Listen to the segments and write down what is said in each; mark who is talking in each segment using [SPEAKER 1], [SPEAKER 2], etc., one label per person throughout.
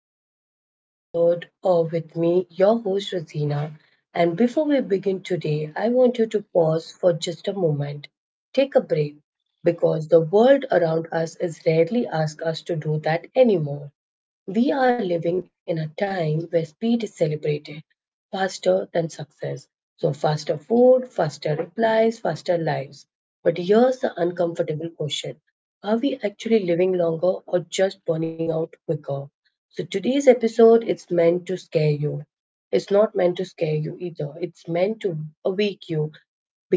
[SPEAKER 1] yet another episode of with me, your host Rosina. And before we begin today, I want you to pause for just a moment. Take a break because the world around us is rarely asked us to do that anymore. We are living in a time where speed is celebrated faster than success. So, faster food, faster replies, faster lives. But here's the uncomfortable question. Are we actually living longer or just burning out quicker? So, today's episode is meant to scare you. It's not meant to scare you either. It's meant to awake you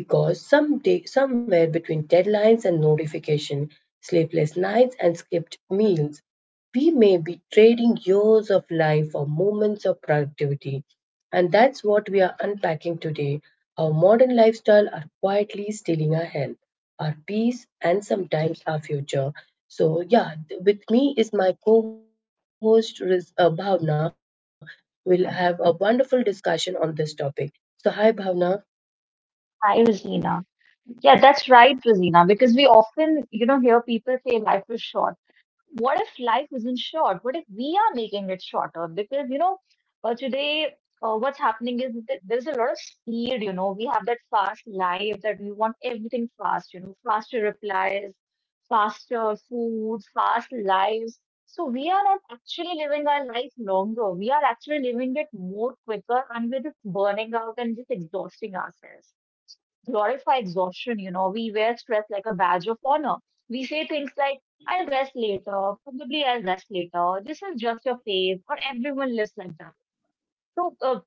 [SPEAKER 1] because some day, somewhere between deadlines and notification, sleepless nights and skipped meals, we may be trading years of life for moments of productivity. And that's what we are unpacking today. Our modern lifestyle are quietly stealing our health, our peace, and sometimes our future. So, yeah, with me is my co host Bhavna. We'll have a wonderful discussion on this topic. So, hi, Bhavna.
[SPEAKER 2] Hi, Rosina. Yeah, that's right, Rosina, because we often, hear people say life is short. What if life isn't short? What if we are making it shorter? Because, today, what's happening is that there's a lot of speed, we have that fast life that we want everything fast, faster replies, faster food, fast lives. So we are not actually living our life longer. We are actually living it more quicker and we're just burning out and just exhausting ourselves glorify exhaustion. We wear stress like a badge of honor. We say things like, I'll rest later, probably I'll rest later, this is just your phase, or everyone lives like that. So uh,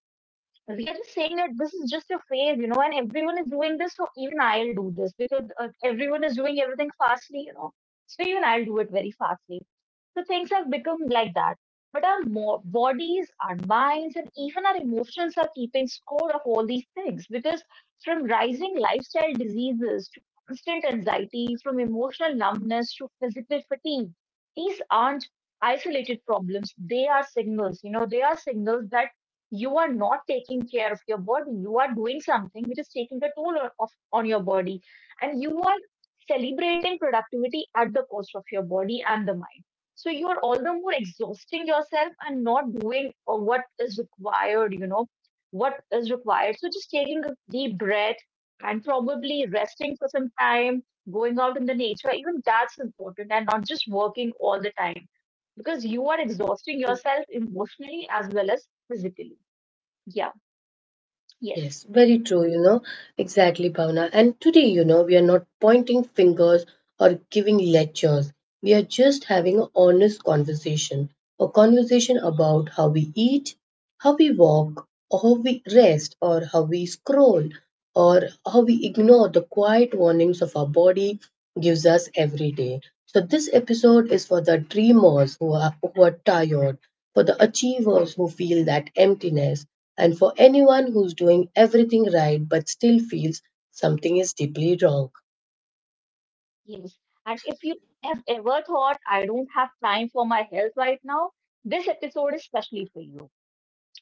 [SPEAKER 2] we are just saying that this is just a phase, and everyone is doing this, so even I'll do this because everyone is doing everything fastly, So even I'll do it very fastly. So things have become like that. But our bodies, our minds, and even our emotions are keeping score of all these things because from rising lifestyle diseases to constant anxiety, from emotional numbness to physical fatigue, these aren't isolated problems. They are signals, they are signals that you are not taking care of your body. You are doing something which is taking a toll on your body. And you are celebrating productivity at the cost of your body and the mind. So you are all the more exhausting yourself and not doing what is required, what is required. So just taking a deep breath and probably resting for some time, going out in the nature, even that's important and not just working all the time because you are exhausting yourself emotionally as well as physically. Yeah, yes,
[SPEAKER 1] Yes, very true, you know, exactly, Bhavna. And today, you know, we are not pointing fingers or giving lectures. We are just having an honest conversation, a conversation about how we eat, how we walk, or how we rest, or how we scroll, or how we ignore the quiet warnings of our body gives us every day. So this episode is for the dreamers who are tired, for the achievers who feel that emptiness, and for anyone who's doing everything right but still feels something is deeply wrong.
[SPEAKER 2] yes. And if you have ever thought, I don't have time for my health right now, this episode is specially for you.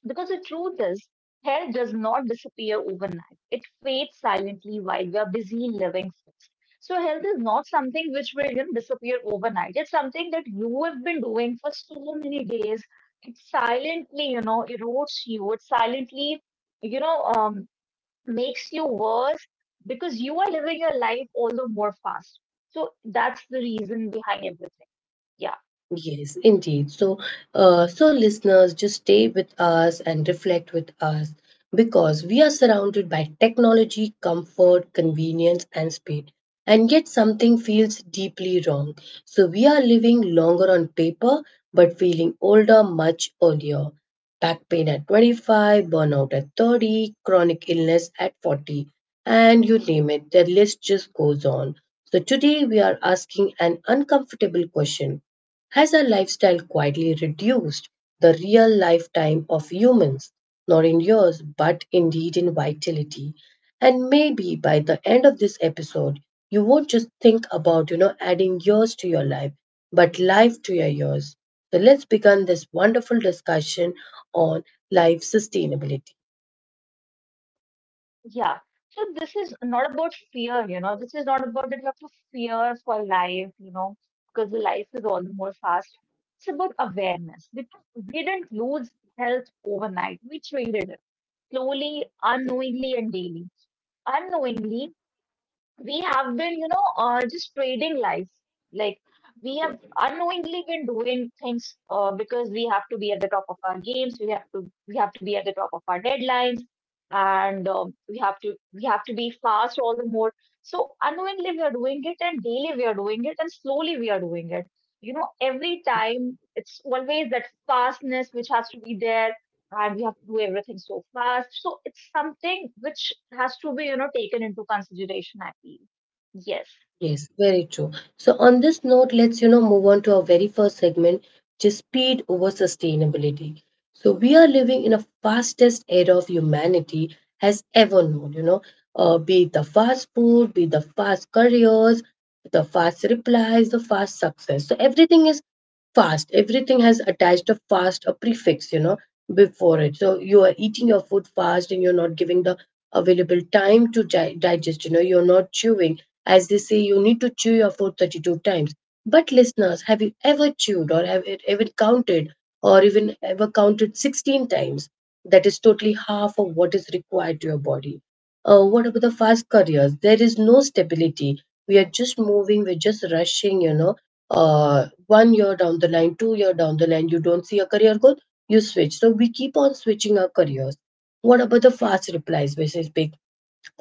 [SPEAKER 2] Because the truth is, hair does not disappear overnight. It fades silently while we are busy living fast. So health is not something which will, you know, disappear overnight. It's something that you have been doing for so many days. It silently, erodes you. It silently, you know, um, makes you worse because you are living your life all the more fast. So that's the reason behind everything. Yeah.
[SPEAKER 1] Yes, indeed. So, listeners, just stay with us and reflect with us because we are surrounded by technology, comfort, convenience, and speed. And yet, something feels deeply wrong. So, we are living longer on paper but feeling older much earlier. Back pain at 25, burnout at 30, chronic illness at 40, and you name it, the list just goes on. So, today we are asking an uncomfortable question. Has our lifestyle quietly reduced the real lifetime of humans, not in years, but indeed in vitality? And maybe by the end of this episode, you won't just think about, you know, adding years to your life, but life to your years. So let's begin this wonderful discussion on life sustainability.
[SPEAKER 2] Yeah. So this is not about fear, This is not about that you have to fear for life, because the life is all the more fast. It's about awareness. Because we didn't lose health overnight. We traded it slowly, unknowingly, and daily. Unknowingly, we have been, just trading life. Like we have unknowingly been doing things because we have to be at the top of our games. We have to be at the top of our deadlines, and we have to be fast all the more. So unknowingly we are doing it, and daily we are doing it, and slowly we are doing it. You know, every time it's always that fastness which has to be there and we have to do everything so fast. So it's something which has to be, taken into consideration, I feel. Yes.
[SPEAKER 1] Yes, very true. So on this note, let's, you know, move on to our very first segment, which is speed over sustainability. So we are living in a fastest era of humanity has ever known, you know, be it the fast food, be it the fast careers, the fast replies, the fast success. So everything is fast. Everything has attached a fast, a prefix, you know, before it. So you are eating your food fast and you're not giving the available time to digest, you know, you're not chewing. As they say, you need to chew your food 32 times. But listeners, have you ever chewed or have it ever counted or even ever counted 16 times? That is totally half of what is required to your body. What about the fast careers? There is no stability. We are just moving, we're just rushing, you know. 1 year down the line, 2 year down the line, you don't see a career growth, you switch. So we keep on switching our careers. What about the fast replies versus big.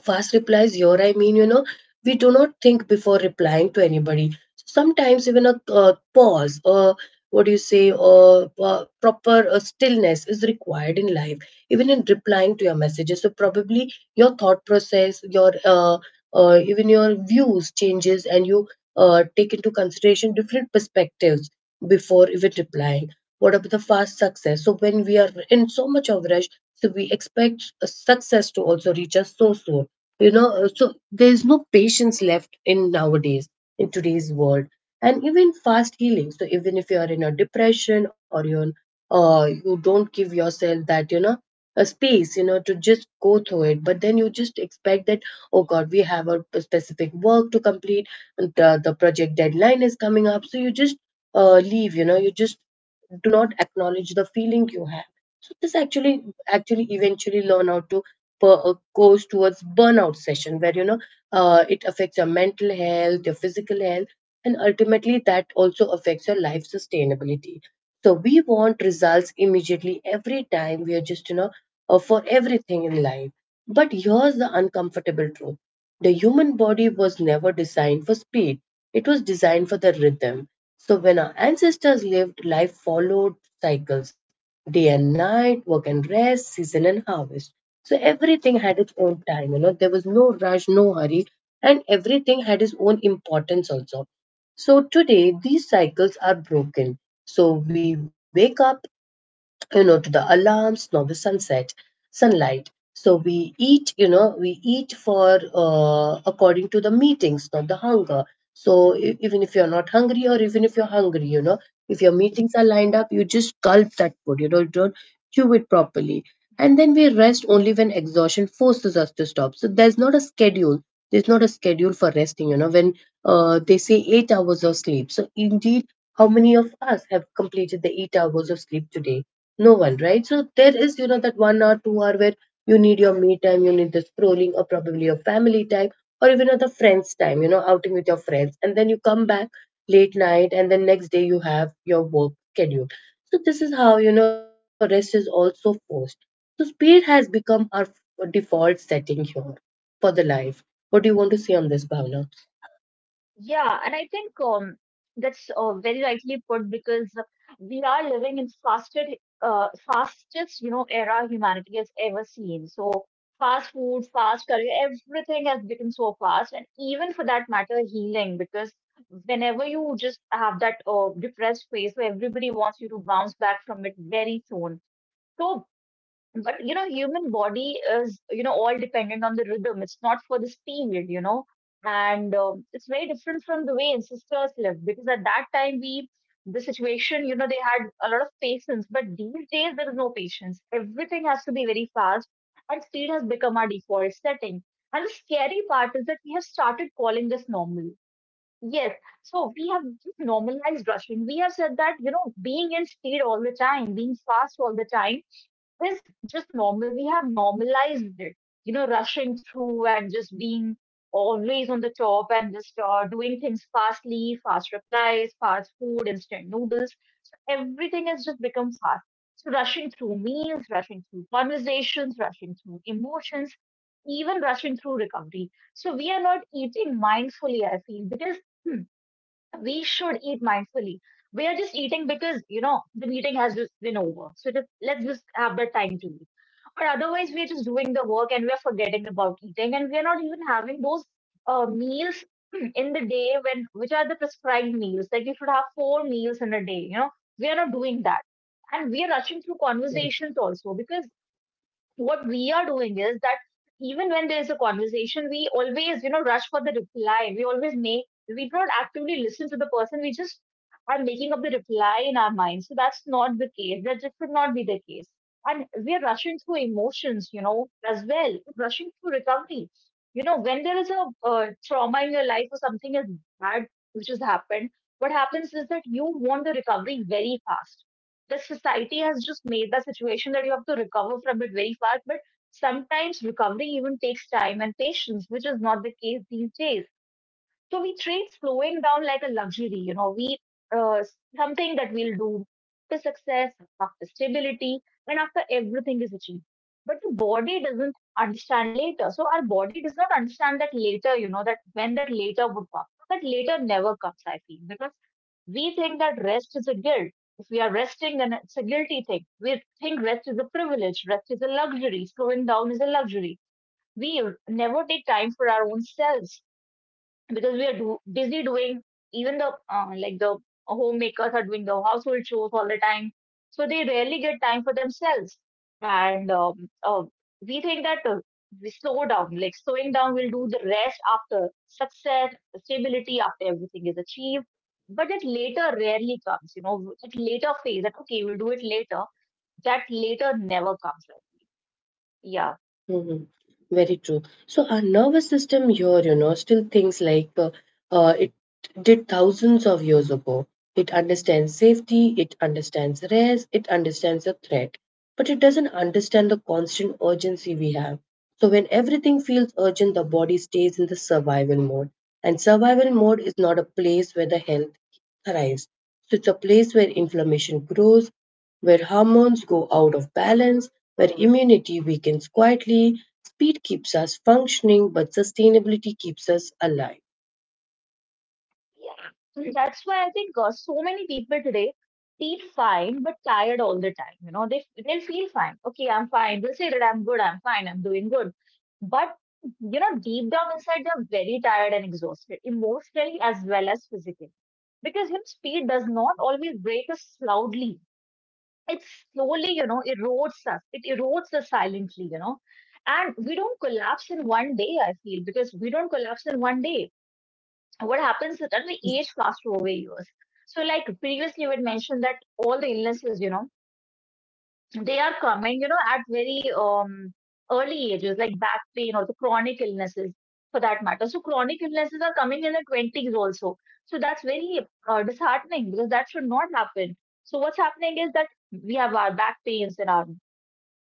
[SPEAKER 1] Fast replies, your I mean, you know, we do not think before replying to anybody. Sometimes even a pause or what do you say, or proper stillness is required in life, even in replying to your messages. So probably your thought process, your even your views changes, and you take into consideration different perspectives before even replying. What about the fast success? So when we are in so much of rush, so we expect success to also reach us so soon, you know, so there's no patience left in nowadays in today's world. And even fast healing, so even if you're in a depression or you're you don't give yourself that, you know, a space, you know, to just go through it, but then you just expect that, oh god, we have a specific work to complete and the project deadline is coming up, so you just leave, you know, you just do not acknowledge the feeling you have. So this actually eventually learn how to goes towards burnout session where, you know, it affects your mental health, your physical health, and ultimately that also affects your life sustainability. So we want results immediately every time, we are just, you know, for everything in life. But here's the uncomfortable truth. The human body was never designed for speed, it was designed for the rhythm. So when our ancestors lived, life followed cycles, day and night, work and rest, season and harvest. So everything had its own time, you know, there was no rush, no hurry, and everything had its own importance also. So today, these cycles are broken. So we wake up, you know, to the alarms, now the sunset sunlight. So we eat, you know, we eat for according to the meetings, not the hunger. So even if you're not hungry or even if you're hungry, you know, if your meetings are lined up, you just gulp that food, you know, you don't chew it properly. And then
[SPEAKER 2] Mhm.
[SPEAKER 1] we rest only when exhaustion forces us to stop, so there's not a schedule, there's not a schedule for resting, you know, when they say 8 hours of sleep. So indeed, how many of us have completed the 8 hours of sleep today? No one, right? So there is, you know, that 1 hour, 2 hour where you need your me time, you need the scrolling or probably your family time or even other friends time, you know, outing with your friends, and then you come back late night, and then next day you have your work schedule. So this is how, you know, rest is also forced. So speed has become our default setting here for the life. What do you want to say on this, Bhavna?
[SPEAKER 2] Yeah, and I think that's very rightly put because we are living in fastest, era humanity has ever seen. So fast food, fast career, everything has become so fast, and even for that matter, healing. Because whenever you just have that depressed phase, where everybody wants you to bounce back from it very soon. So, but you know, human body is, all dependent on the rhythm. It's not for the speed, you know, and it's very different from the way ancestors lived because at that time we, the situation, they had a lot of patience, but these days there is no patience. Everything has to be very fast, and speed has become our default setting. And the scary part is that we have started calling this normal. Yes, so we have just normalized rushing. We have said that, being in speed all the time, being fast all the time is just normal. We have normalized it, rushing through and just being always on the top and just doing things fastly, fast replies, fast food, instant noodles. So everything has just become fast. So rushing through meals, rushing through conversations, rushing through emotions, even rushing through recovery. So we are not eating mindfully, I feel, because hmm, we should eat mindfully. We are just eating because, the meeting has just been over. So just, let's just have the time to eat. But otherwise, we are just doing the work and we are forgetting about eating and we are not even having those meals in the day when, which are the prescribed meals. Like you should have four meals in a day, we are not doing that. And we are rushing through conversations also because what we are doing is that even when there's a conversation, we always, rush for the reply. We don't actively listen to the person. We just are making up the reply in our mind. So that's not the case. That just should not be the case. And we're rushing through emotions, as well, rushing through recovery. You know, when there is a trauma in your life or something is bad which has happened, what happens is that you want the recovery very fast. The society has just made that situation that you have to recover from it very fast. But sometimes recovery even takes time and patience, which is not the case these days. So we treat slowing down like a luxury, you know, we uh, something that we'll do after success, after stability, and after everything is achieved. But the body doesn't understand later. So our body does not understand that later, that when that later would come. That later never comes, I feel, because we think that rest is a guilt. If we are resting, then it's a guilty thing. We think rest is a privilege, rest is a luxury, slowing down is a luxury. We never take time for our own selves because we are busy doing even the like the homemakers are doing the household chores all the time, so they rarely get time for themselves, and we think that we slow down, like slowing down will do the rest after success, stability, after everything is achieved, but that later rarely comes, that later phase that okay we'll do it later, that later never comes. Yeah.
[SPEAKER 1] Mhm. Very true. So our nervous system here, you know, still thinks like it did thousands of years ago. It understands safety, it understands rest, it understands the threat, but it doesn't understand the constant urgency we have. So when everything feels urgent, the body stays in the survival mode. And survival mode is not a place where the health thrives. So it's a place where inflammation grows, where hormones go out of balance, where immunity weakens quietly. Speed keeps us functioning, but sustainability keeps us alive.
[SPEAKER 2] Yeah. And that's why I think so many people today feel fine but tired all the time. You know, they'll feel fine. Okay, I'm fine. They'll say that I'm good. I'm fine. I'm doing good. But you know, deep down inside, they're very tired and exhausted, emotionally as well as physically, because you know, speed does not always break us loudly. It slowly, erodes us. It erodes us silently. You know, and we don't collapse in one day. I feel because we don't collapse in one day, what happens is that we age faster over years. So, like previously, we had mentioned that all the illnesses, they are coming, at very early ages, like back pain or the chronic illnesses for that matter. So, chronic illnesses are coming in the 20s also. So, that's very disheartening because that should not happen. So, what's happening is that we have our back pains and our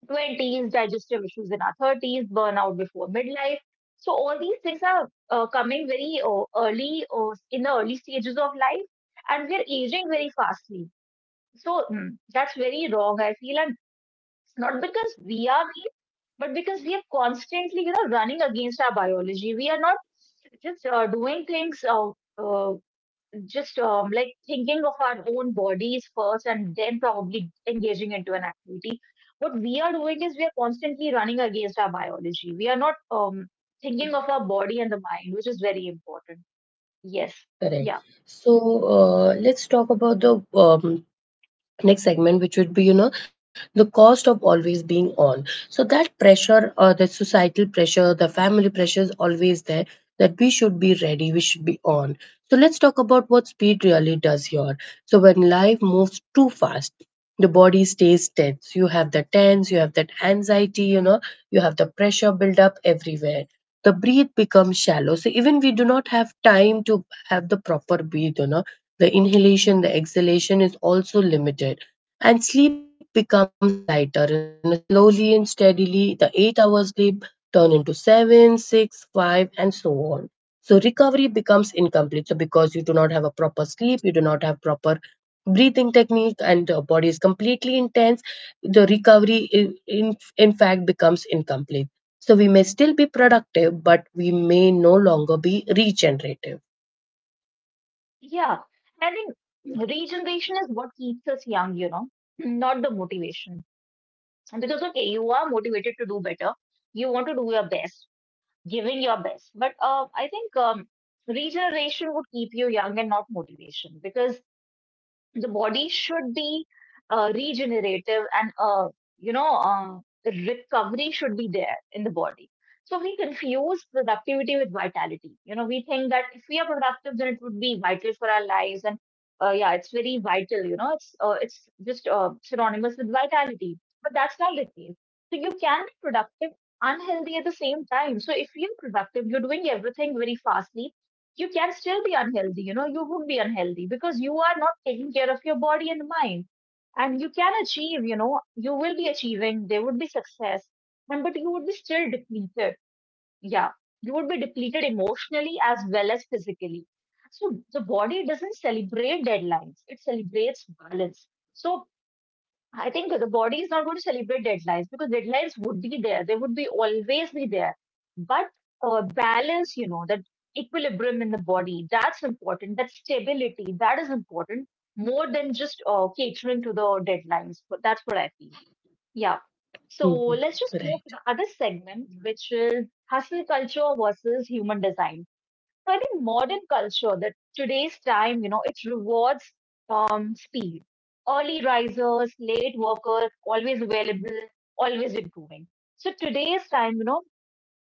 [SPEAKER 2] 20s, digestive issues in our 30s, burnout before midlife. So all these things are coming very early in the early stages of life, and we're aging very fastly. So mm, that's very wrong, I feel, and it's not because we are mean, but because we are constantly, running against our biology. We are not just doing things uh, just like thinking of our own bodies first and then probably engaging into an activity. What we are doing is we are constantly running against our biology. We are not thinking of our body and the mind, which is very important. Yes.
[SPEAKER 1] Correct.
[SPEAKER 2] Yeah.
[SPEAKER 1] So let's talk about the next segment, which would be, you know, the cost of always being on. So that pressure, the societal pressure, the family pressure is always there, that we should be ready, we should be on. So let's talk about what speed really does here. So when life moves too fast, the body stays tense, you have the tense, you have that anxiety, you know, you have the pressure build up everywhere, the breath becomes shallow. So even we do not have time to have the proper breath, you know, the inhalation, the exhalation is also limited, and sleep becomes lighter, and slowly and steadily the 8-hour sleep turn into 7, 6, 5, and so on. So recovery becomes incomplete. So because you do not have a proper sleep, you do not have proper breathing technique, and the body is completely intense, the recovery in fact becomes incomplete. So we may still be productive, but we may no longer be regenerative.
[SPEAKER 2] Yeah. I think regeneration is what keeps us young, not the motivation. Because, okay, you are motivated to do better, you want to do your best, giving your best. But I think regeneration would keep you young and not motivation because the body should be regenerative and you know uh, recovery should be there in the body. So we confuse productivity with vitality. You know, we think that if we are productive then it would be vital for our lives. And yeah, it's very vital. You know, it's just synonymous with vitality, but that's not the case. So you can be productive, unhealthy at the same time. So if you're productive, you're doing everything very fastly, you can still be unhealthy. You know, you would be unhealthy because you are not taking care of your body and mind. And you can achieve, you know, you will be achieving, there would be success, and but you would be still depleted. Yeah, you would be depleted emotionally as well as physically. So the body doesn't celebrate deadlines, it celebrates balance. So I think the body is not going to celebrate deadlines, because deadlines would be there. They would be always be there. But balance, you know, that equilibrium in the body, that's important. That stability, that is important, more than just catering to the deadlines. But that's what I feel. Yeah. So
[SPEAKER 1] Mhm.
[SPEAKER 2] let's just move
[SPEAKER 1] Right.
[SPEAKER 2] to the other segment, which is hustle culture versus human design. So I think modern culture, that today's time, you know, it rewards speed. Early risers, late workers, always available, always improving. So today's time, you know,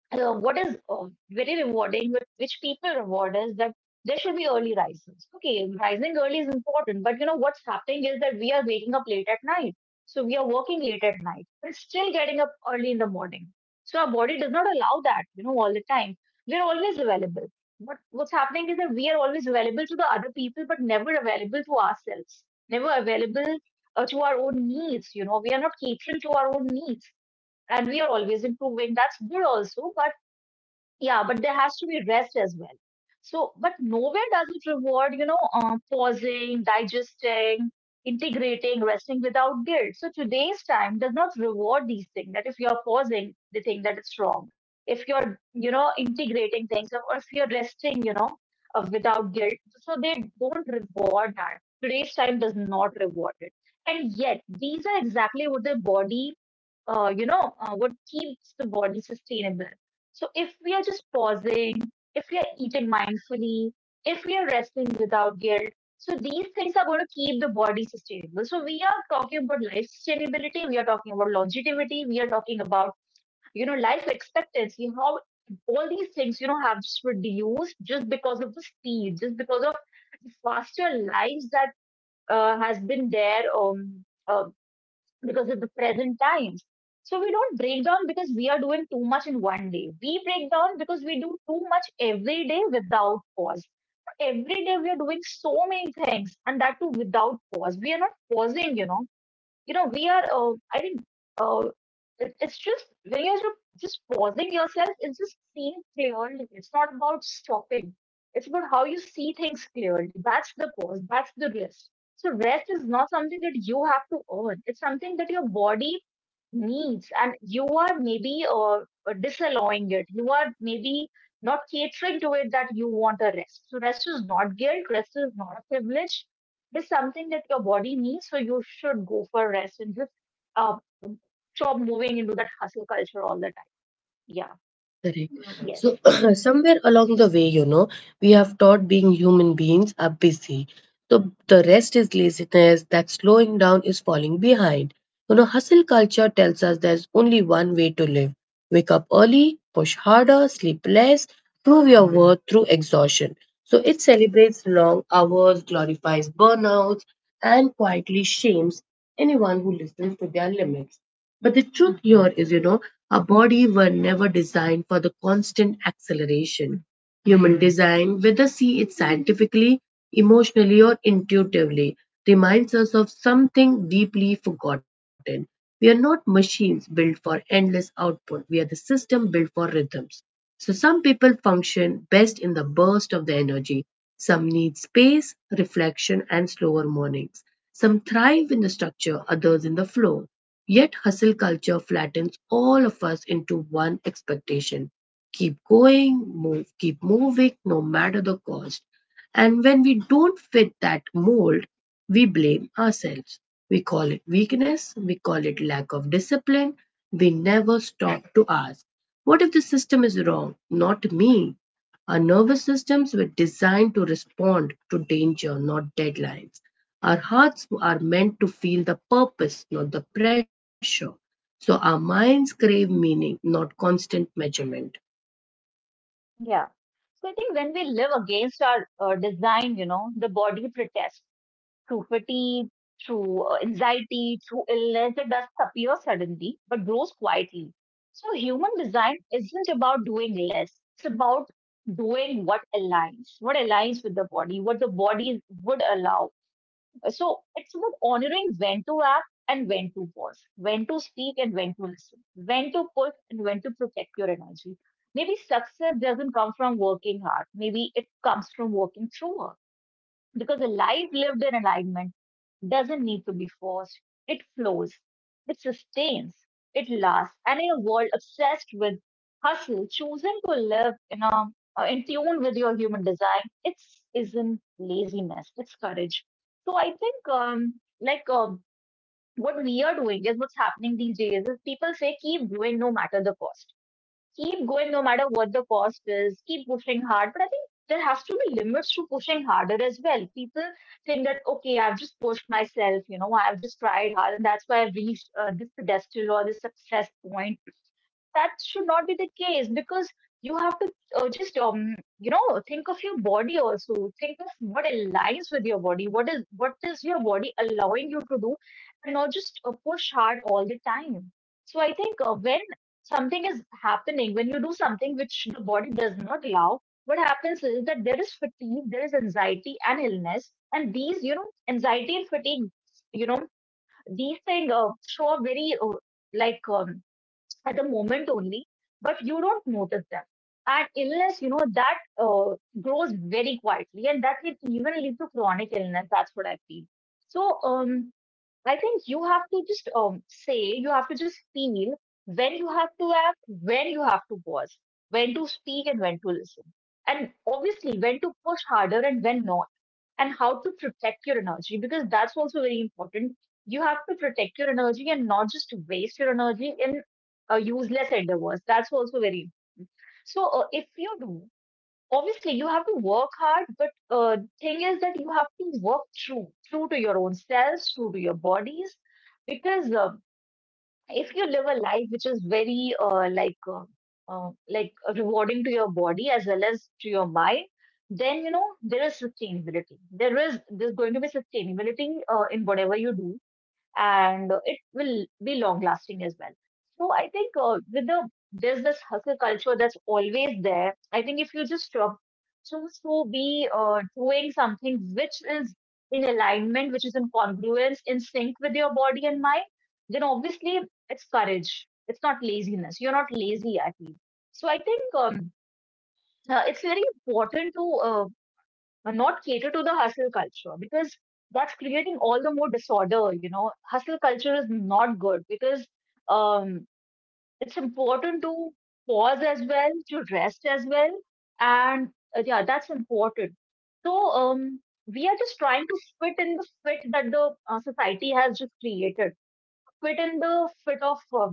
[SPEAKER 2] what is very rewarding, but which people reward, is that there should be early risers. Okay, rising early is important, but you know what's happening is that we are waking up late at night. So we are working late at night, but still getting up early in the morning. So our body does not allow that, you know, all the time. We're always available. But what's happening is that we are always available to the other people, but never available to ourselves, never available to our own needs. You know, we are not catering to our own needs, and we are always improving. That's good also, but. Yeah, but there has to be rest as well. So, but nowhere does it reward, you know, pausing, digesting, integrating, resting without guilt. So today's time does not reward these things. That if you're pausing, they think that it's wrong. If you're, you know, integrating things, or if you're resting, you know, without guilt, so they don't reward that. Today's time does not reward it. And yet, these are exactly what the body, you know, what keeps the body sustainable. So if we are just pausing, if we are eating mindfully, if we are resting without guilt, so these things are going to keep the body sustainable. So we are talking about life sustainability, we are talking about longevity, we are talking about, you know, life expectancy, how all these things, you know, have just reduced, just because of the speed, just because of the faster lives that has been there because of the present times. So we don't break down because we are doing too much in one day. We break down because we do too much every day without pause. Every day we are doing so many things, and that too without pause. We are not pausing, you know. You know, I think, uh, it, it's just when you're ju- just pausing yourself, it's just seeing clearly. It's not about stopping. It's about how you see things clearly. That's the pause. That's the rest. So rest is not something that you have to earn. It's something that your body needs, and you are maybe disallowing it. You are maybe not catering to it, that you want a rest. So rest is not guilt. Rest is not a privilege. It's something that your body needs. So you should go for rest and just uh, stop moving into that hustle culture all the time. Yeah.
[SPEAKER 1] Correct.
[SPEAKER 2] Yes.
[SPEAKER 1] So, somewhere along the way, you know, we have taught being human beings are busy. So, the rest is laziness, that slowing down is falling behind. You know, hustle culture tells us there's only one way to live: wake up early, push harder, sleep less, prove your worth through exhaustion. So, it celebrates long hours, glorifies burnouts, and quietly shames anyone who listens to their limits. But the truth here is, you know, our body were never designed for the constant acceleration. Human design, whether see it scientifically, emotionally, or intuitively, reminds us of something deeply forgotten. We are not machines built for endless output. We are the system built for rhythms. So some people function best in the burst of the energy. Some need space, reflection, and slower mornings. Some thrive in the structure, others in the flow. Yet hustle culture flattens all of us into one expectation. Keep going, move, keep moving, no matter the cost. And when we don't fit that mold, we blame ourselves. We call it weakness, we call it lack of discipline. We never stop to ask, what if the system is wrong? Not me. Our nervous systems were designed to respond to danger, not deadlines. Our hearts are meant to feel the purpose, not the pressure. So our minds crave meaning, not constant measurement.
[SPEAKER 2] Yeah. So I think when we live against our design, you know, the body protests through fatigue, through anxiety, through illness. It doesn't appear suddenly, but grows quietly. So human design isn't about doing less. It's about doing what aligns with the body, what the body would allow. So it's about honoring when to act and when to pause, when to speak and when to listen, when to push and when to protect your energy. Maybe success doesn't come from working hard. Maybe it comes from working through work. Because a life lived in alignment doesn't need to be forced. It flows, it sustains, it lasts. And in a world obsessed with hustle, choosing to live in tune with your human design, it isn't laziness, it's courage. So I think what we are doing, is what's happening these days, is people say keep doing no matter the cost, keep going no matter what the cost is, keep pushing hard. But I think there has to be limits to pushing harder as well. People think that, okay, I've just pushed myself, you know, I've just tried hard, and that's why I've reached this pedestal or this success point. That should not be the case, because you have to just you know, think of your body also, think of what aligns with your body, what is your body allowing you to do, and not just push hard all the time. So I think when something is happening, when you do something which the body does not allow, what happens is that there is fatigue, there is anxiety and illness. And these, you know, anxiety and fatigue, you know, these things show up very like um, at the moment only, but you don't notice them. And illness, you know, that grows very quietly, and that can even lead to chronic illness. That's what I feel. So, I think you have to just you have to just feel when you have to act, when you have to pause, when to speak, and when to listen. And obviously, when to push harder and when not, and how to protect your energy, because that's also very important. You have to protect your energy and not just waste your energy in useless endeavors. That's also very important. So if you do, obviously you have to work hard, but thing is that you have to work true, true to your own selves, true to your bodies, because if you live a life which is very rewarding to your body as well as to your mind, then you know there is sustainability, there's going to be sustainability in whatever you do, and it will be long lasting as well. So I think with the there's this hustle culture that's always there. I think if you just choose to be doing something which is in alignment, which is in congruence, in sync with your body and mind, then obviously it's courage. It's not laziness. You're not lazy, I feel. So I think it's very important to and not cater to the hustle culture, because that's creating all the more disorder. You know, hustle culture is not good because um, it's important to pause as well, to rest as well, and yeah, that's important. So we are just trying to fit in the fit that the society has just created, fit in the fit of uh,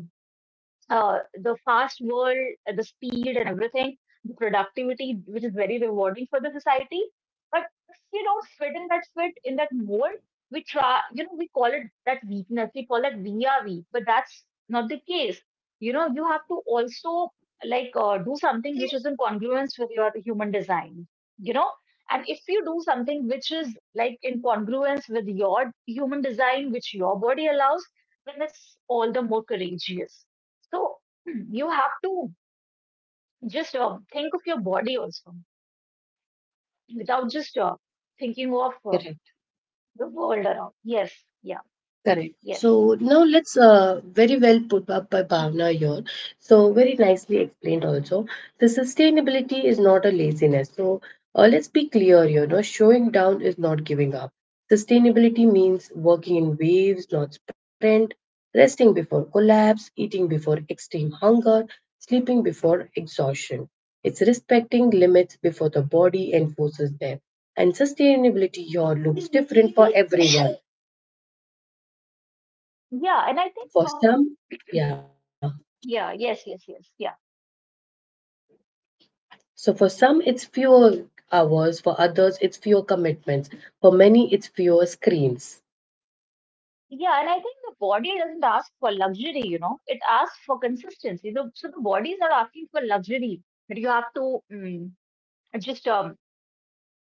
[SPEAKER 2] uh, the fast world, the speed and everything, the productivity, which is very rewarding for the society. But if we don't fit in that fit, in that mold, we try, you know, we call it that weakness. We call it we are weak, but that's not the case. You know, you have to also do something which is in congruence with your human design. You know, and if you do something which is like in congruence with your human design, which your body allows, then it's all the more courageous. So you have to just think of your body also, without just thinking of
[SPEAKER 1] Correct.
[SPEAKER 2] the world around. Yes, yeah,
[SPEAKER 1] Correct.
[SPEAKER 2] yes.
[SPEAKER 1] So now let's very well put up by
[SPEAKER 2] Mhm.
[SPEAKER 1] Bhavna here. So very nicely explained also. The sustainability is not a laziness. So let's be clear here. No, showing down is not giving up. Sustainability means working in waves, not sprint, resting before collapse, eating before extreme hunger, sleeping before exhaustion. It's respecting limits before the body enforces them. And sustainability here looks different for everyone
[SPEAKER 2] Yeah, and I think,
[SPEAKER 1] for some, yeah.
[SPEAKER 2] yeah, yes, yes, yes, yeah.
[SPEAKER 1] So for some, it's fewer hours. For others, it's fewer commitments. For many, it's fewer screens.
[SPEAKER 2] Yeah, and I think the body doesn't ask for luxury, you know, it asks for consistency. So the body is not asking for luxury, but you have to mm, just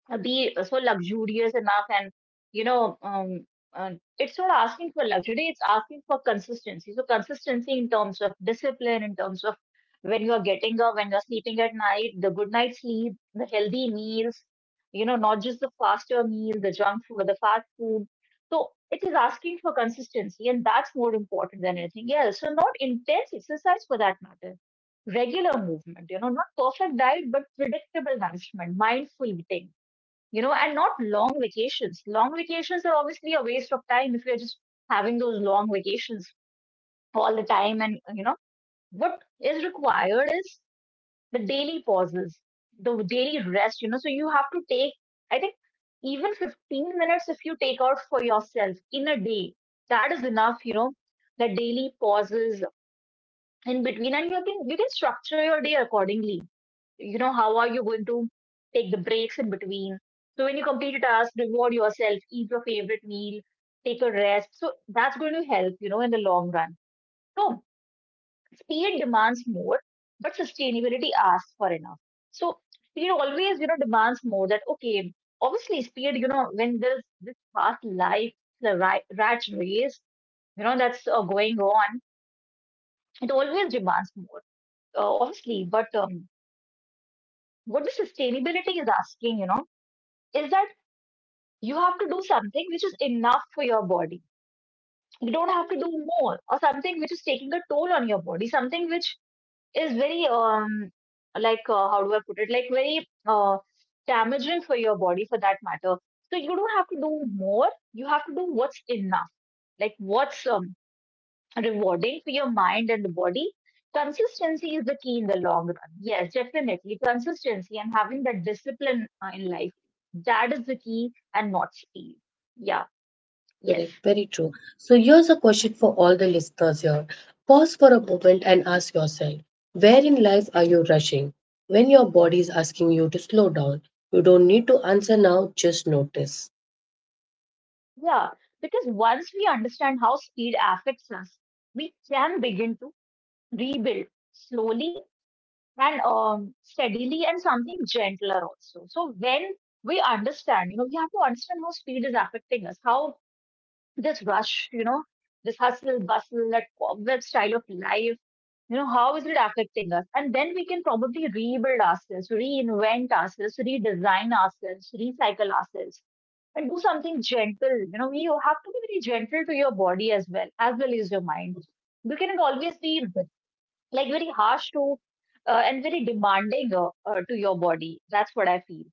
[SPEAKER 2] be so luxurious enough and you know um, uh, it's not asking for luxury, it's asking for consistency. So consistency in terms of discipline, in terms of when you're getting up, when you're sleeping at night, the good night sleep, the healthy meals, you know, not just the faster meal, the junk food or the fast food. So it is asking for consistency, and that's more important than anything else. So not intense exercise for that matter, regular movement, you know, not perfect diet but predictable nourishment, mindful eating, you know, and not long vacations. Long vacations are obviously a waste of time if you're just having those long vacations all the time. And, you know, what is required is the daily pauses, the daily rest, you know, so you have to take, I think, even 15 minutes if you take out for yourself in a day, that is enough, you know, the daily pauses in between. And you can structure your day accordingly. You know, how are you going to take the breaks in between? So when you complete a task, reward yourself, eat your favorite meal, take a rest. So that's going to help, you know, in the long run. So speed demands more but sustainability asks for enough. So speed always, you know, demands more. That okay, obviously speed, you know, when there's this fast life, the rat race, you know, that's going on, it always demands more, obviously, but what the sustainability is asking, you know, is that you have to do something which is enough for your body. You don't have to do more, or something which is taking a toll on your body, something which is very like how do I put it? Like very damaging for your body for that matter. So you don't have to do more. You have to do what's enough, like what's rewarding for your mind and the body. Consistency is the key in the long run. Yes, definitely. Consistency and having that discipline in life, that is the key and not speed. Yeah.
[SPEAKER 1] Correct,
[SPEAKER 2] Yes.
[SPEAKER 1] very true. So here's a question for all the listeners here. Pause for a moment and ask yourself, where in life are you rushing? When your body is asking you to slow down, you don't need to answer now, just notice.
[SPEAKER 2] Yeah. Because once we understand how speed affects us, we can begin to rebuild slowly and steadily and something gentler also. So when we understand, you know, we have to understand how speed is affecting us, how this rush, you know, this hustle, bustle, that cobweb style of life, you know, how is it affecting us? And then we can probably rebuild ourselves, reinvent ourselves, redesign ourselves, recycle ourselves, and do something gentle. You know, you have to be very gentle to your body as well, as well as your mind. You cannot always be like very harsh to and very demanding to your body. That's what I feel.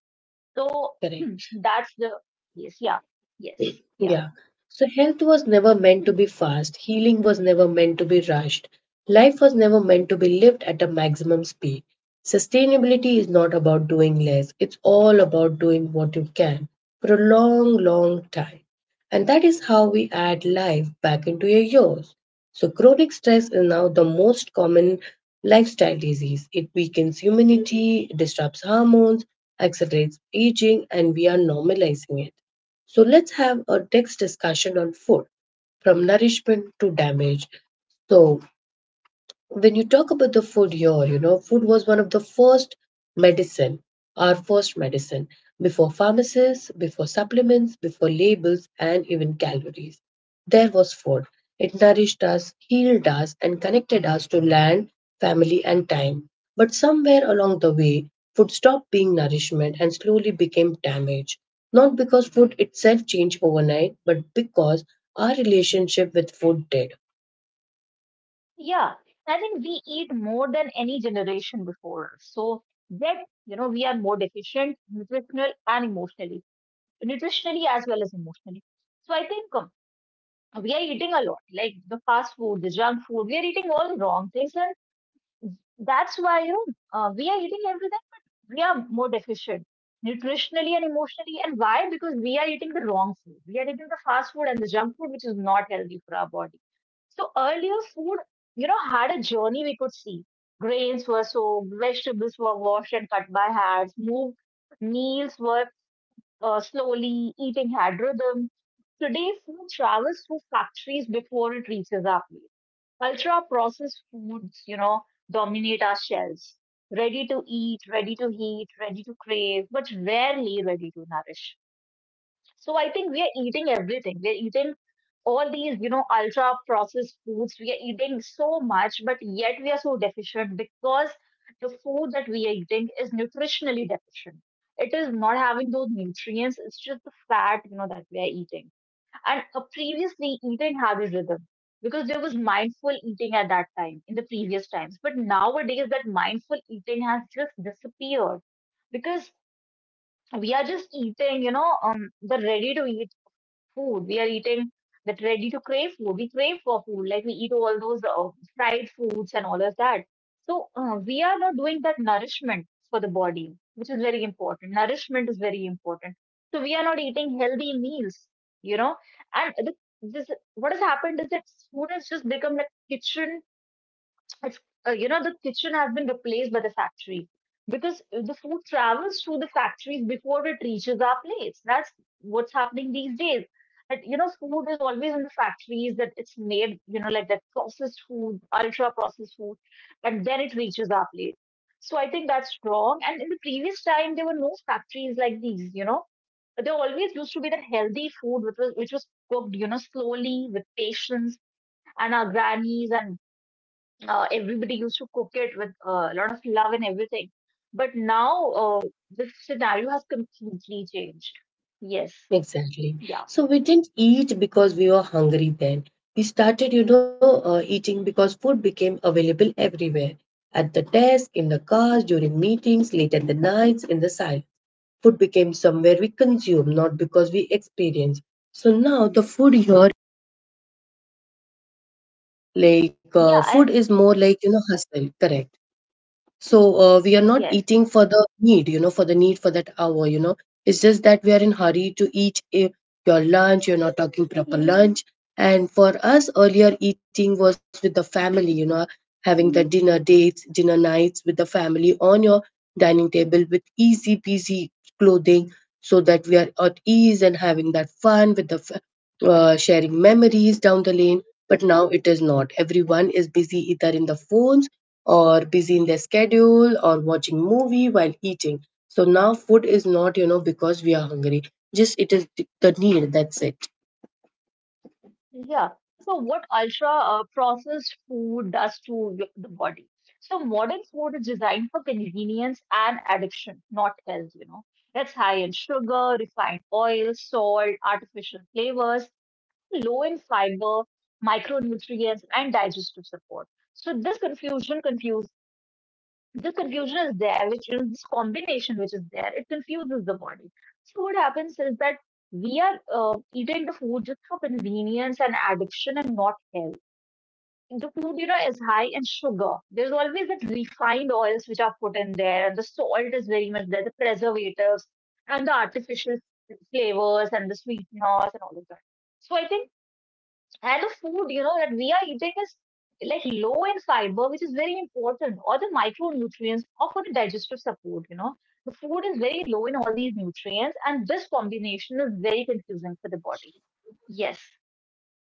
[SPEAKER 2] So
[SPEAKER 1] Correct.
[SPEAKER 2] that's the, yes, yeah, yes, yeah.
[SPEAKER 1] Yeah. So health was never meant
[SPEAKER 2] Hmm.
[SPEAKER 1] to be fast. Healing was never meant to be rushed. Life was never meant to be lived at a maximum speed. Sustainability is not about doing less. It's all about doing what you can for a long, long time. And that is how we add life back into your years. So chronic stress is now the most common lifestyle disease. It weakens immunity, disrupts hormones, accelerates aging, and we are normalizing it. So let's have a next discussion on food, from nourishment to damage. So when you talk about the food here, you know, food was one of the first medicine, our first medicine, before pharmacists, before supplements, before labels, and even calories. There was food. It nourished us, healed us, and connected us to land, family, and time. But somewhere along the way, food stopped being nourishment and slowly became damage. Not because food itself changed overnight, but because our relationship with food did.
[SPEAKER 2] Yeah, I think we eat more than any generation before us. So that, you know, we are more deficient nutritional and emotionally, nutritionally as well as emotionally. So I think we are eating a lot, like the fast food, the junk food, we are eating all the wrong things. And that's why, you know, we are eating everything, but we are more deficient nutritionally and emotionally. And why? Because we are eating the wrong food. We are eating the fast food and the junk food, which is not healthy for our body. So earlier food, you know, had a journey we could see. Grains were soaked, vegetables were washed and cut by hands, moved, meals were slowly, eating had rhythm. Today, food travels through factories before it reaches our plate. Ultra processed foods, you know, dominate our shelves. Ready to eat, ready to heat, ready to crave, but rarely ready to nourish. So I think we are eating everything. We're eating all these, you know, ultra processed foods. We are eating so much, but yet we are so deficient because the food that we are eating is nutritionally deficient. It is not having those nutrients, it's just the fat, you know, that we are eating and a previously eaten habit rhythm, because there was mindful eating at that time in the previous times, but nowadays that mindful eating has just disappeared, because we are just eating, you know, the ready to eat food. We are eating that ready to crave food. We crave for food, like we eat all those fried foods and all of that. So we are not doing that nourishment for the body, which is very important. Nourishment is very important. So we are not eating healthy meals, you know. And the, this, what has happened is that food has just become like kitchen, it's, you know, the kitchen has been replaced by the factory, because the food travels through the factories before it reaches our plates. That's what's happening these days. And, you know, food is always in the factories that it's made, you know, like that processed food, ultra processed food, and then it reaches our plate. So I think that's wrong. And in the previous time, there were no factories like these, you know. There always used to be that healthy food which was cooked, you know, slowly with patience, and our grannies and everybody used to cook it with a lot of love and everything. But now this scenario has completely changed. Yes,
[SPEAKER 1] Exactly.
[SPEAKER 2] yeah,
[SPEAKER 1] So we didn't eat because we were hungry then. We started, you know, eating because food became available everywhere. At the desk, in the cars, during meetings, late at the nights, in the silence. Food became somewhere we consume, not because we experience. So now the food here,
[SPEAKER 2] yeah,
[SPEAKER 1] food
[SPEAKER 2] and
[SPEAKER 1] is more like, you know, hustle, correct? So we are not
[SPEAKER 2] yes,
[SPEAKER 1] eating for the need, you know, for the need for that hour, you know. It's just that we are in hurry to eat eh, your lunch. You're not talking proper lunch. And for us, earlier eating was with the family, you know, having the dinner dates, dinner nights with the family on your dining table with easy peasy clothing so that we are at ease and having that fun with the sharing memories down the lane. But now it is not. Everyone is busy either in the phones or busy in their schedule or watching movie while eating. So now food is not, you know, because we are hungry, just it is the need, that's it.
[SPEAKER 2] yeah. So, what ultra processed food does to the body? So, modern food is designed for convenience and addiction, not health, you know. It's high in sugar, refined oil, salt, artificial flavors, low in fiber, micronutrients, and digestive support. So confuse this confusion is there, which is this combination which is there. It confuses the body. So what happens is that we are eating the food just for convenience and addiction and not health. The food, you know, is high in sugar. There's always that refined oils which are put in there, and the salt is very much there, the preservatives and the artificial flavors and the sweeteners and all of that. So I think, and the food, you know, that we are eating is like low in fiber, which is very important, or the micronutrients, or for the digestive support, you know. The food is very low in all these nutrients, and this combination is very confusing for the body. Yes,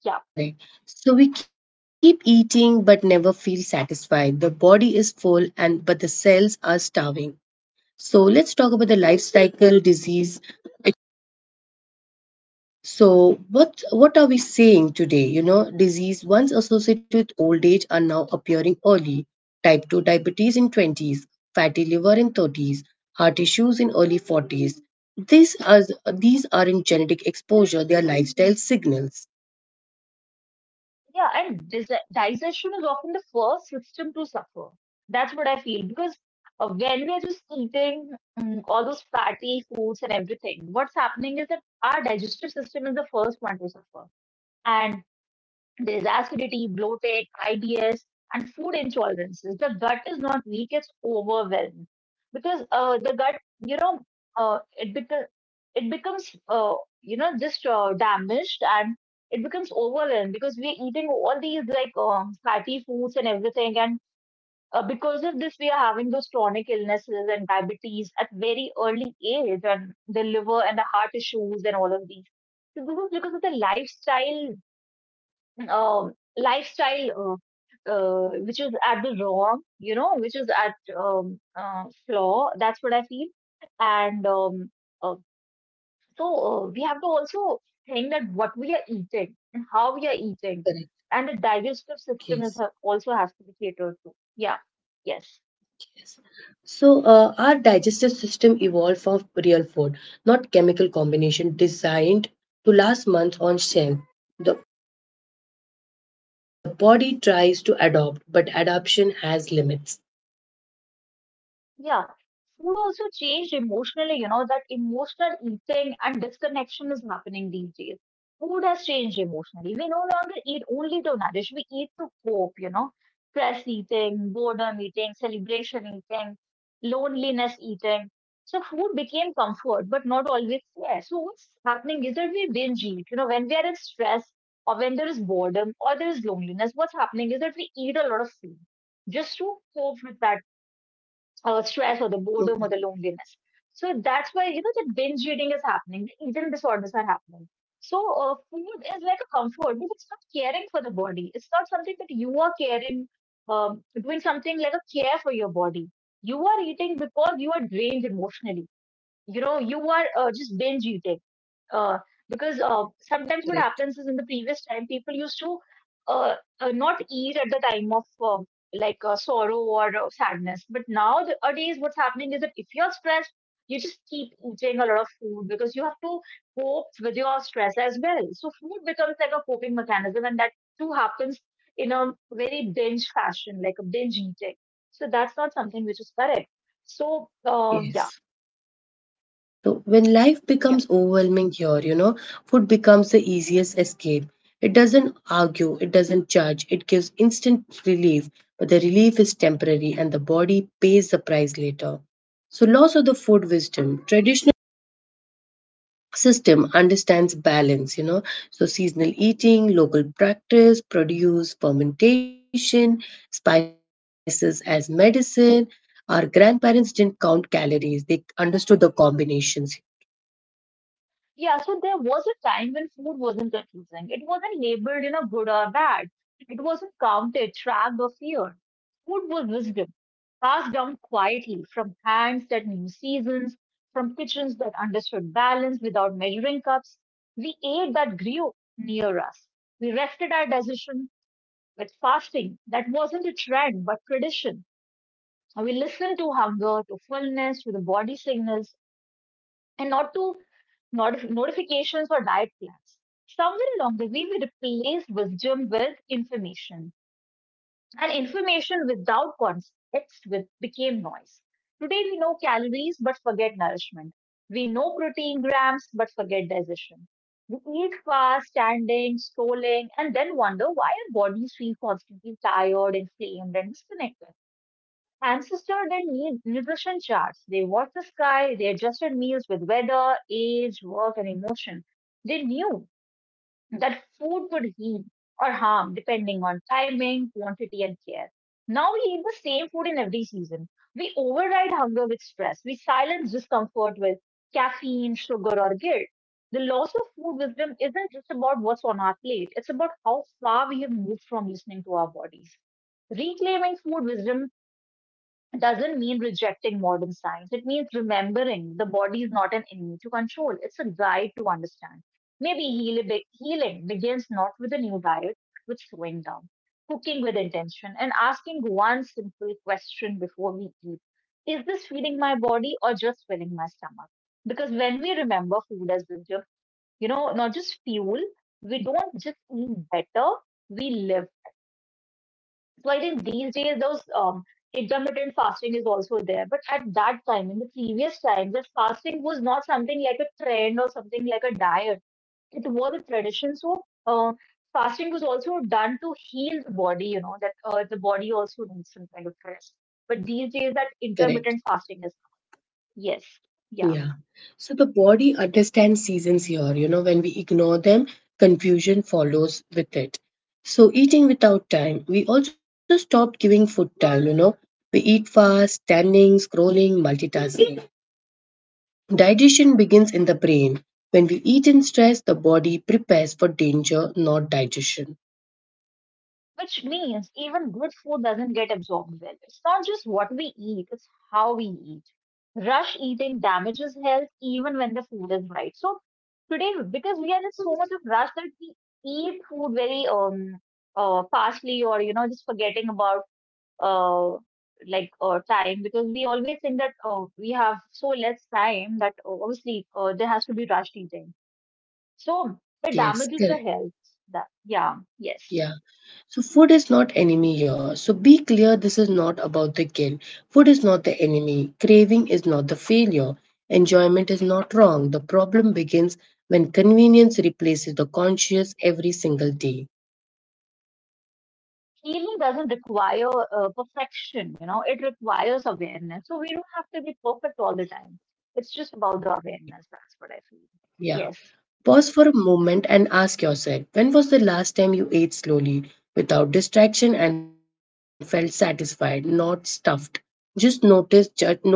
[SPEAKER 2] yeah,
[SPEAKER 1] Correct. So we keep eating but never feel satisfied. The body is full and but the cells are starving. So let's talk about the life cycle disease. So what are we saying today? You know, disease once associated with old age are now appearing early. Type 2 diabetes in 20s, fatty liver in 30s, heart issues in early 40s. These are these aren't genetic exposure, they are lifestyle signals.
[SPEAKER 2] yeah, and dis digestion is often the first system to suffer. That's what I feel because when we are just eating all those fatty foods and everything, what's happening is that our digestive system is the first one to suffer. And there is acidity, bloated, IBS, and food intolerances. The gut is not weak, it's overwhelmed. Because the gut, you know, it, beca- it becomes, you know, just damaged, and it becomes overwhelmed because we're eating all these like fatty foods and everything. And because of this, we are having those chronic illnesses and diabetes at very early age, and the liver and the heart issues and all of these. So this is because of the lifestyle lifestyle which is at the wrong, you know, which is at flaw. That's what I feel. And uh, so we have to also think that what we are eating and how we are eating,
[SPEAKER 1] Correct.
[SPEAKER 2] and the digestive system
[SPEAKER 1] Yes.
[SPEAKER 2] also has to be catered to. Yeah. Yes.
[SPEAKER 1] Yes. So our digestive system evolved from real food, not chemical combination designed to last months on shelf. The The body tries to adopt, but adoption has limits.
[SPEAKER 2] Yeah, food also changed emotionally, you know, that emotional eating and disconnection is happening these days. Food has changed emotionally. We no longer eat only to nourish, we eat to cope, you know, stress eating, boredom eating, celebration eating, loneliness eating. So food became comfort, but not always care. So what's happening is that we binge eat, you know, when we are in stress or when there is boredom or there is loneliness, what's happening is that we eat a lot of food just to cope with that stress or the boredom
[SPEAKER 1] Mhm.
[SPEAKER 2] or the loneliness. So that's why, you know, that binge eating is happening, the eating disorders are happening. So food is like a comfort, but it's not caring for the body. It's not something that you are caring, doing something like a care for your body. You are eating because you are drained emotionally, you know, you are just binge eating, uh, because sometimes what
[SPEAKER 1] Correct.
[SPEAKER 2] happens is in the previous time people used to uh, not eat at the time of sorrow or sadness, but nowadays what's happening is that if you're stressed, you just keep eating a lot of food because you have to cope with your stress as well. So food becomes like a coping mechanism, and that too happens in a very binge fashion, like a binge eating. So that's not something which is correct. So yeah,
[SPEAKER 1] Yes. So when life
[SPEAKER 2] yeah.
[SPEAKER 1] becomes overwhelming here, you know, food becomes the easiest escape. It doesn't argue, it doesn't judge, it gives instant relief, but the relief is temporary and the body pays the price later. So loss of the food wisdom. Traditional system understands balance, you know, so seasonal eating, local practice produce, fermentation, spices as medicine. Our grandparents didn't count calories, they understood the combinations.
[SPEAKER 2] Yeah, so there was a time when food wasn't confusing. It wasn't labeled in a good or bad. It wasn't counted, tracked, or feared. Food was wisdom, passed down quietly from hands that knew seasons, from kitchens that understood balance without measuring cups. We ate that grew near us. We rested our decision with fasting that wasn't a trend but tradition. And we listened to hunger, to fullness, to the body signals, and not to not notifications or diet plans. Somewhere along the way, we replaced wisdom with information, and information without context became noise. Today, we know calories but forget nourishment. We know protein grams but forget digestion. We eat fast, standing, scrolling, and then wonder why our bodies feel constantly tired, inflamed, and disconnected. Ancestor their need nutrition charts. They watched the sky, they adjusted meals with weather, age, work, and emotion. They knew that food could heal or harm depending on timing, quantity, and care. Now we eat the same food in every season. We override hunger with stress. We silence discomfort with caffeine, sugar, or guilt. The loss of food wisdom isn't just about what's on our plate, it's about how far we have moved from listening to our bodies. Reclaiming food wisdom doesn't mean rejecting modern science. It means remembering the body is not an enemy to control. It's a guide to understand. Maybe healing begins not with a new diet, but with slowing down, cooking with intention, and asking one simple question before we eat. Is this feeding my body or just filling my stomach? Because when we remember food as wisdom, not just fuel, we don't just eat better, we live. So I think these days those intermittent fasting is also there. But at that time, in the previous time, this fasting was not something like a trend or something like a diet. It was a tradition. So uh, fasting was also done to heal the body. You know that the body also needs some kind of rest. But these days, that
[SPEAKER 1] Correct.
[SPEAKER 2] intermittent fasting is. Yes, yeah.
[SPEAKER 1] Yeah. So the body understands seasons here, you know, when we ignore them, confusion follows with it. So eating without time, we also stopped giving food time, you know, we eat fast, standing, scrolling, multitasking. Digestion begins in the brain. When we eat in stress, the body prepares for danger, not digestion.
[SPEAKER 2] Which means even good food doesn't get absorbed well. It's not just what we eat, it's how we eat. Rush eating damages health even when the food is right. So today, because we are in so much of rush that we eat food very fastly or just forgetting about uh like time, because we always think that we have so less time that obviously there has to be rushed eating. So it
[SPEAKER 1] Yes,
[SPEAKER 2] damages the
[SPEAKER 1] correct.
[SPEAKER 2] health. That, yeah, yes.
[SPEAKER 1] Yeah. So food is not enemy here. So be clear this is not about the guilt. Food is not the enemy. Craving is not the failure. Enjoyment is not wrong. The problem begins when convenience replaces the conscious every single day.
[SPEAKER 2] Healing doesn't require perfection, it requires awareness. So we don't have to be perfect all the time. It's just about the
[SPEAKER 1] Correct.
[SPEAKER 2] awareness. That's what I feel.
[SPEAKER 1] Yeah.
[SPEAKER 2] Yes.
[SPEAKER 1] Pause for a moment and ask yourself, when was the last time you ate slowly, without distraction, and felt satisfied, not stuffed? Just notice, no judgment.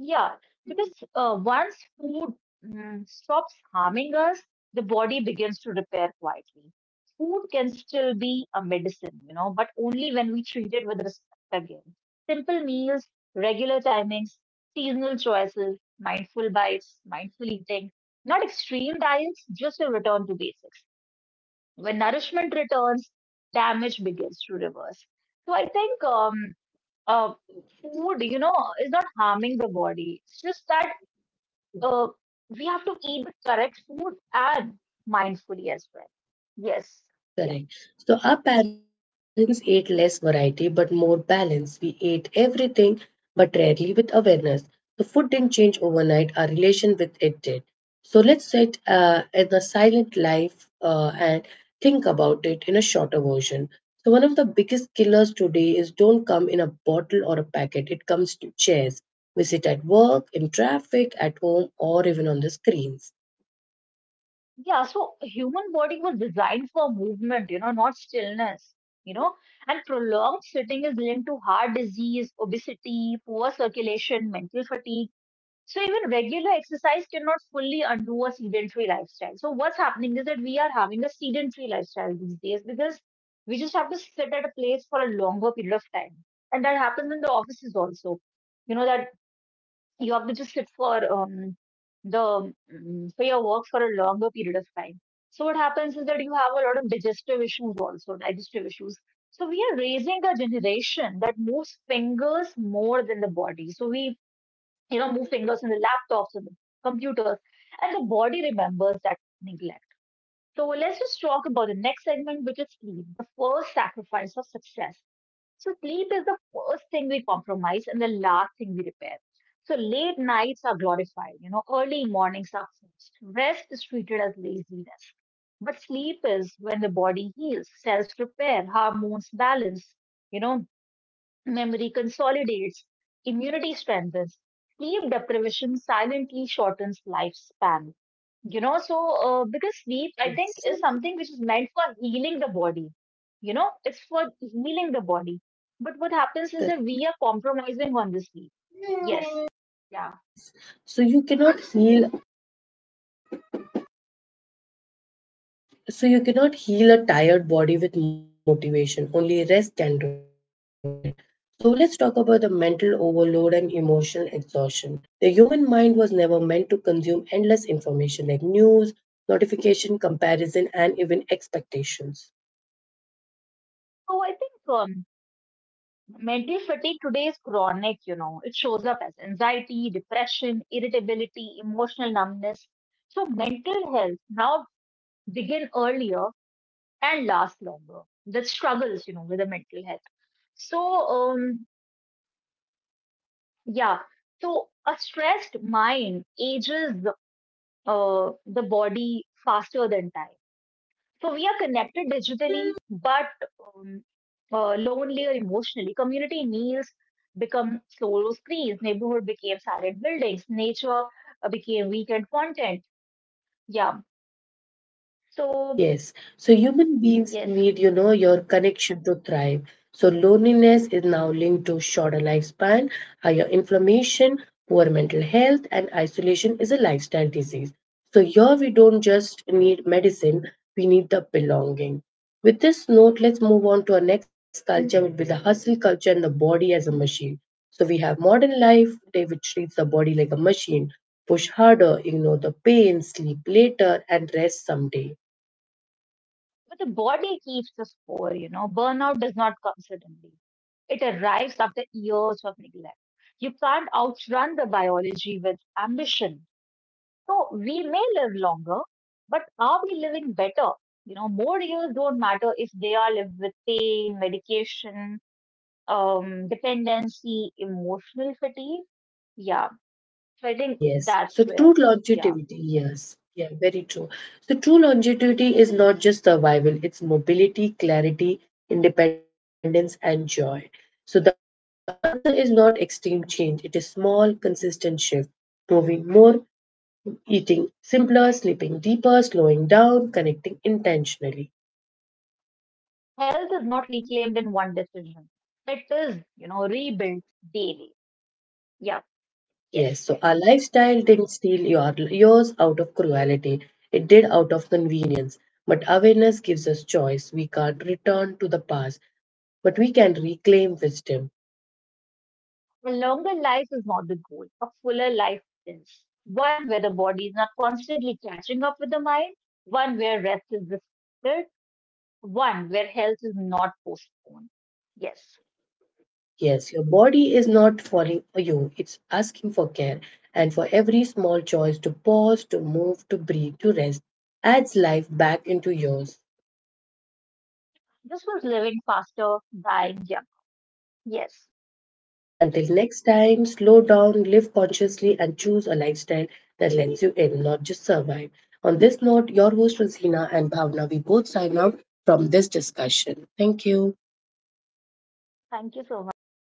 [SPEAKER 2] Yeah, because once food stops harming us, the body begins to repair quietly. Food can still be a medicine, but only when we treat it with respect again. Simple meals, regular timings, seasonal choices, mindful bites, mindful eating, not extreme diets, just a return to basics. When nourishment returns, damage begins to reverse. So I think uh, food, is not harming the body. It's just that uh, we have to eat the correct food and mindfully as well. Yes. Yeah.
[SPEAKER 1] Correct. So our parents ate less variety but more balance. We ate everything but rarely with awareness. The food didn't change overnight, our relation with it did. So let's sit in a silent life and think about it in a shorter version. So one of the biggest killers today is don't come in a bottle or a packet. It comes to chairs. We sit at work, in traffic, at home, or even on the screens.
[SPEAKER 2] Yeah. So human body was designed for movement, not stillness, you know, and prolonged sitting is linked to heart disease, obesity, poor circulation, mental fatigue. So even regular exercise cannot fully undo a sedentary lifestyle. So what's happening is that we are having a sedentary lifestyle these days because we just have to sit at a place for a longer period of time. And that happens in the offices also. You know that you have to just sit for your work for a longer period of time. So what happens is that you have a lot of digestive issues also, digestive issues. So we are raising a generation that moves fingers more than the body. So we move fingers in the laptops and the computers, and the body remembers that neglect. So let's just talk about the next segment, which is sleep, the first sacrifice of success. So sleep is the first thing we compromise and the last thing we repair. So late nights are glorified, early mornings are forced. Rest is treated as laziness. But sleep is when the body heals, cells repair, hormones balance, you know, memory consolidates, immunity strengthens, sleep deprivation silently shortens lifespan. So because sleep, I think,
[SPEAKER 1] Yes.
[SPEAKER 2] is something which is meant for healing the body. It's for healing the body. But what happens is
[SPEAKER 1] Correct.
[SPEAKER 2] that we are compromising on the sleep. Yes. Yeah.
[SPEAKER 1] Yes. So you cannot heal a tired body with motivation. Only rest can do it. So let's talk about the mental overload and emotional exhaustion. The human mind was never meant to consume endless information like news, notification, comparison and even expectations.
[SPEAKER 2] So I think mental fatigue today is chronic. It shows up as anxiety, depression, irritability, emotional numbness. So mental health now begin earlier and last longer. The struggles, with the mental health. So, um, yeah. So a stressed mind ages the body faster than time. So we are connected digitally, but um, lonelier emotionally. Community meals become solo screens. Neighborhood became silent buildings. Nature became weekend content. Yeah. So
[SPEAKER 1] Yes. So human beings
[SPEAKER 2] yes.
[SPEAKER 1] need, you know, your connection to thrive. So loneliness is now linked to shorter lifespan, higher inflammation, poor mental health, and isolation is a lifestyle disease. So here we don't just need medicine, we need the belonging. With this note, let's move on to our next culture, which will be the hustle culture and the body as a machine. So we have modern life, day which treats the body like a machine. Push harder, ignore the pain, sleep later, and rest someday.
[SPEAKER 2] But the body keeps the score. Burnout does not come suddenly. It arrives after years of neglect. You can't outrun the biology with ambition. So we may live longer, but are we living better? More years don't matter if they are lived with pain, medication, dependency, emotional fatigue. Yeah. So I think
[SPEAKER 1] Yes.
[SPEAKER 2] that's
[SPEAKER 1] So
[SPEAKER 2] where,
[SPEAKER 1] true
[SPEAKER 2] yeah.
[SPEAKER 1] longevity, yes. Yeah, very true. So true longevity is not just survival, it's mobility, clarity, independence, and joy. So the answer is not extreme change, it is small, consistent shift. Moving more, eating simpler, sleeping deeper, slowing down, connecting intentionally.
[SPEAKER 2] Health is not reclaimed in one decision. It is, rebuilt daily. Yeah. Yes.
[SPEAKER 1] Yes, so our lifestyle didn't steal your, yours out of cruelty, it did out of convenience. But awareness gives us choice. We can't return to the past, but we can reclaim wisdom.
[SPEAKER 2] A longer life is not the goal. A fuller life is one where the body is not constantly catching up with the mind, one where rest is respected, one where health is not postponed. Yes.
[SPEAKER 1] Yes, your body is not falling for you, it's asking for care. And for every small choice to pause, to move, to breathe, to rest, adds life back into yours.
[SPEAKER 2] This was living faster, dying young. Yes.
[SPEAKER 1] Until next time, slow down, live consciously, and choose a lifestyle that lets you in, not just survive. On this note, your host Rosina and Bhavna, we both sign out from this discussion. Thank you.
[SPEAKER 2] Thank you so much.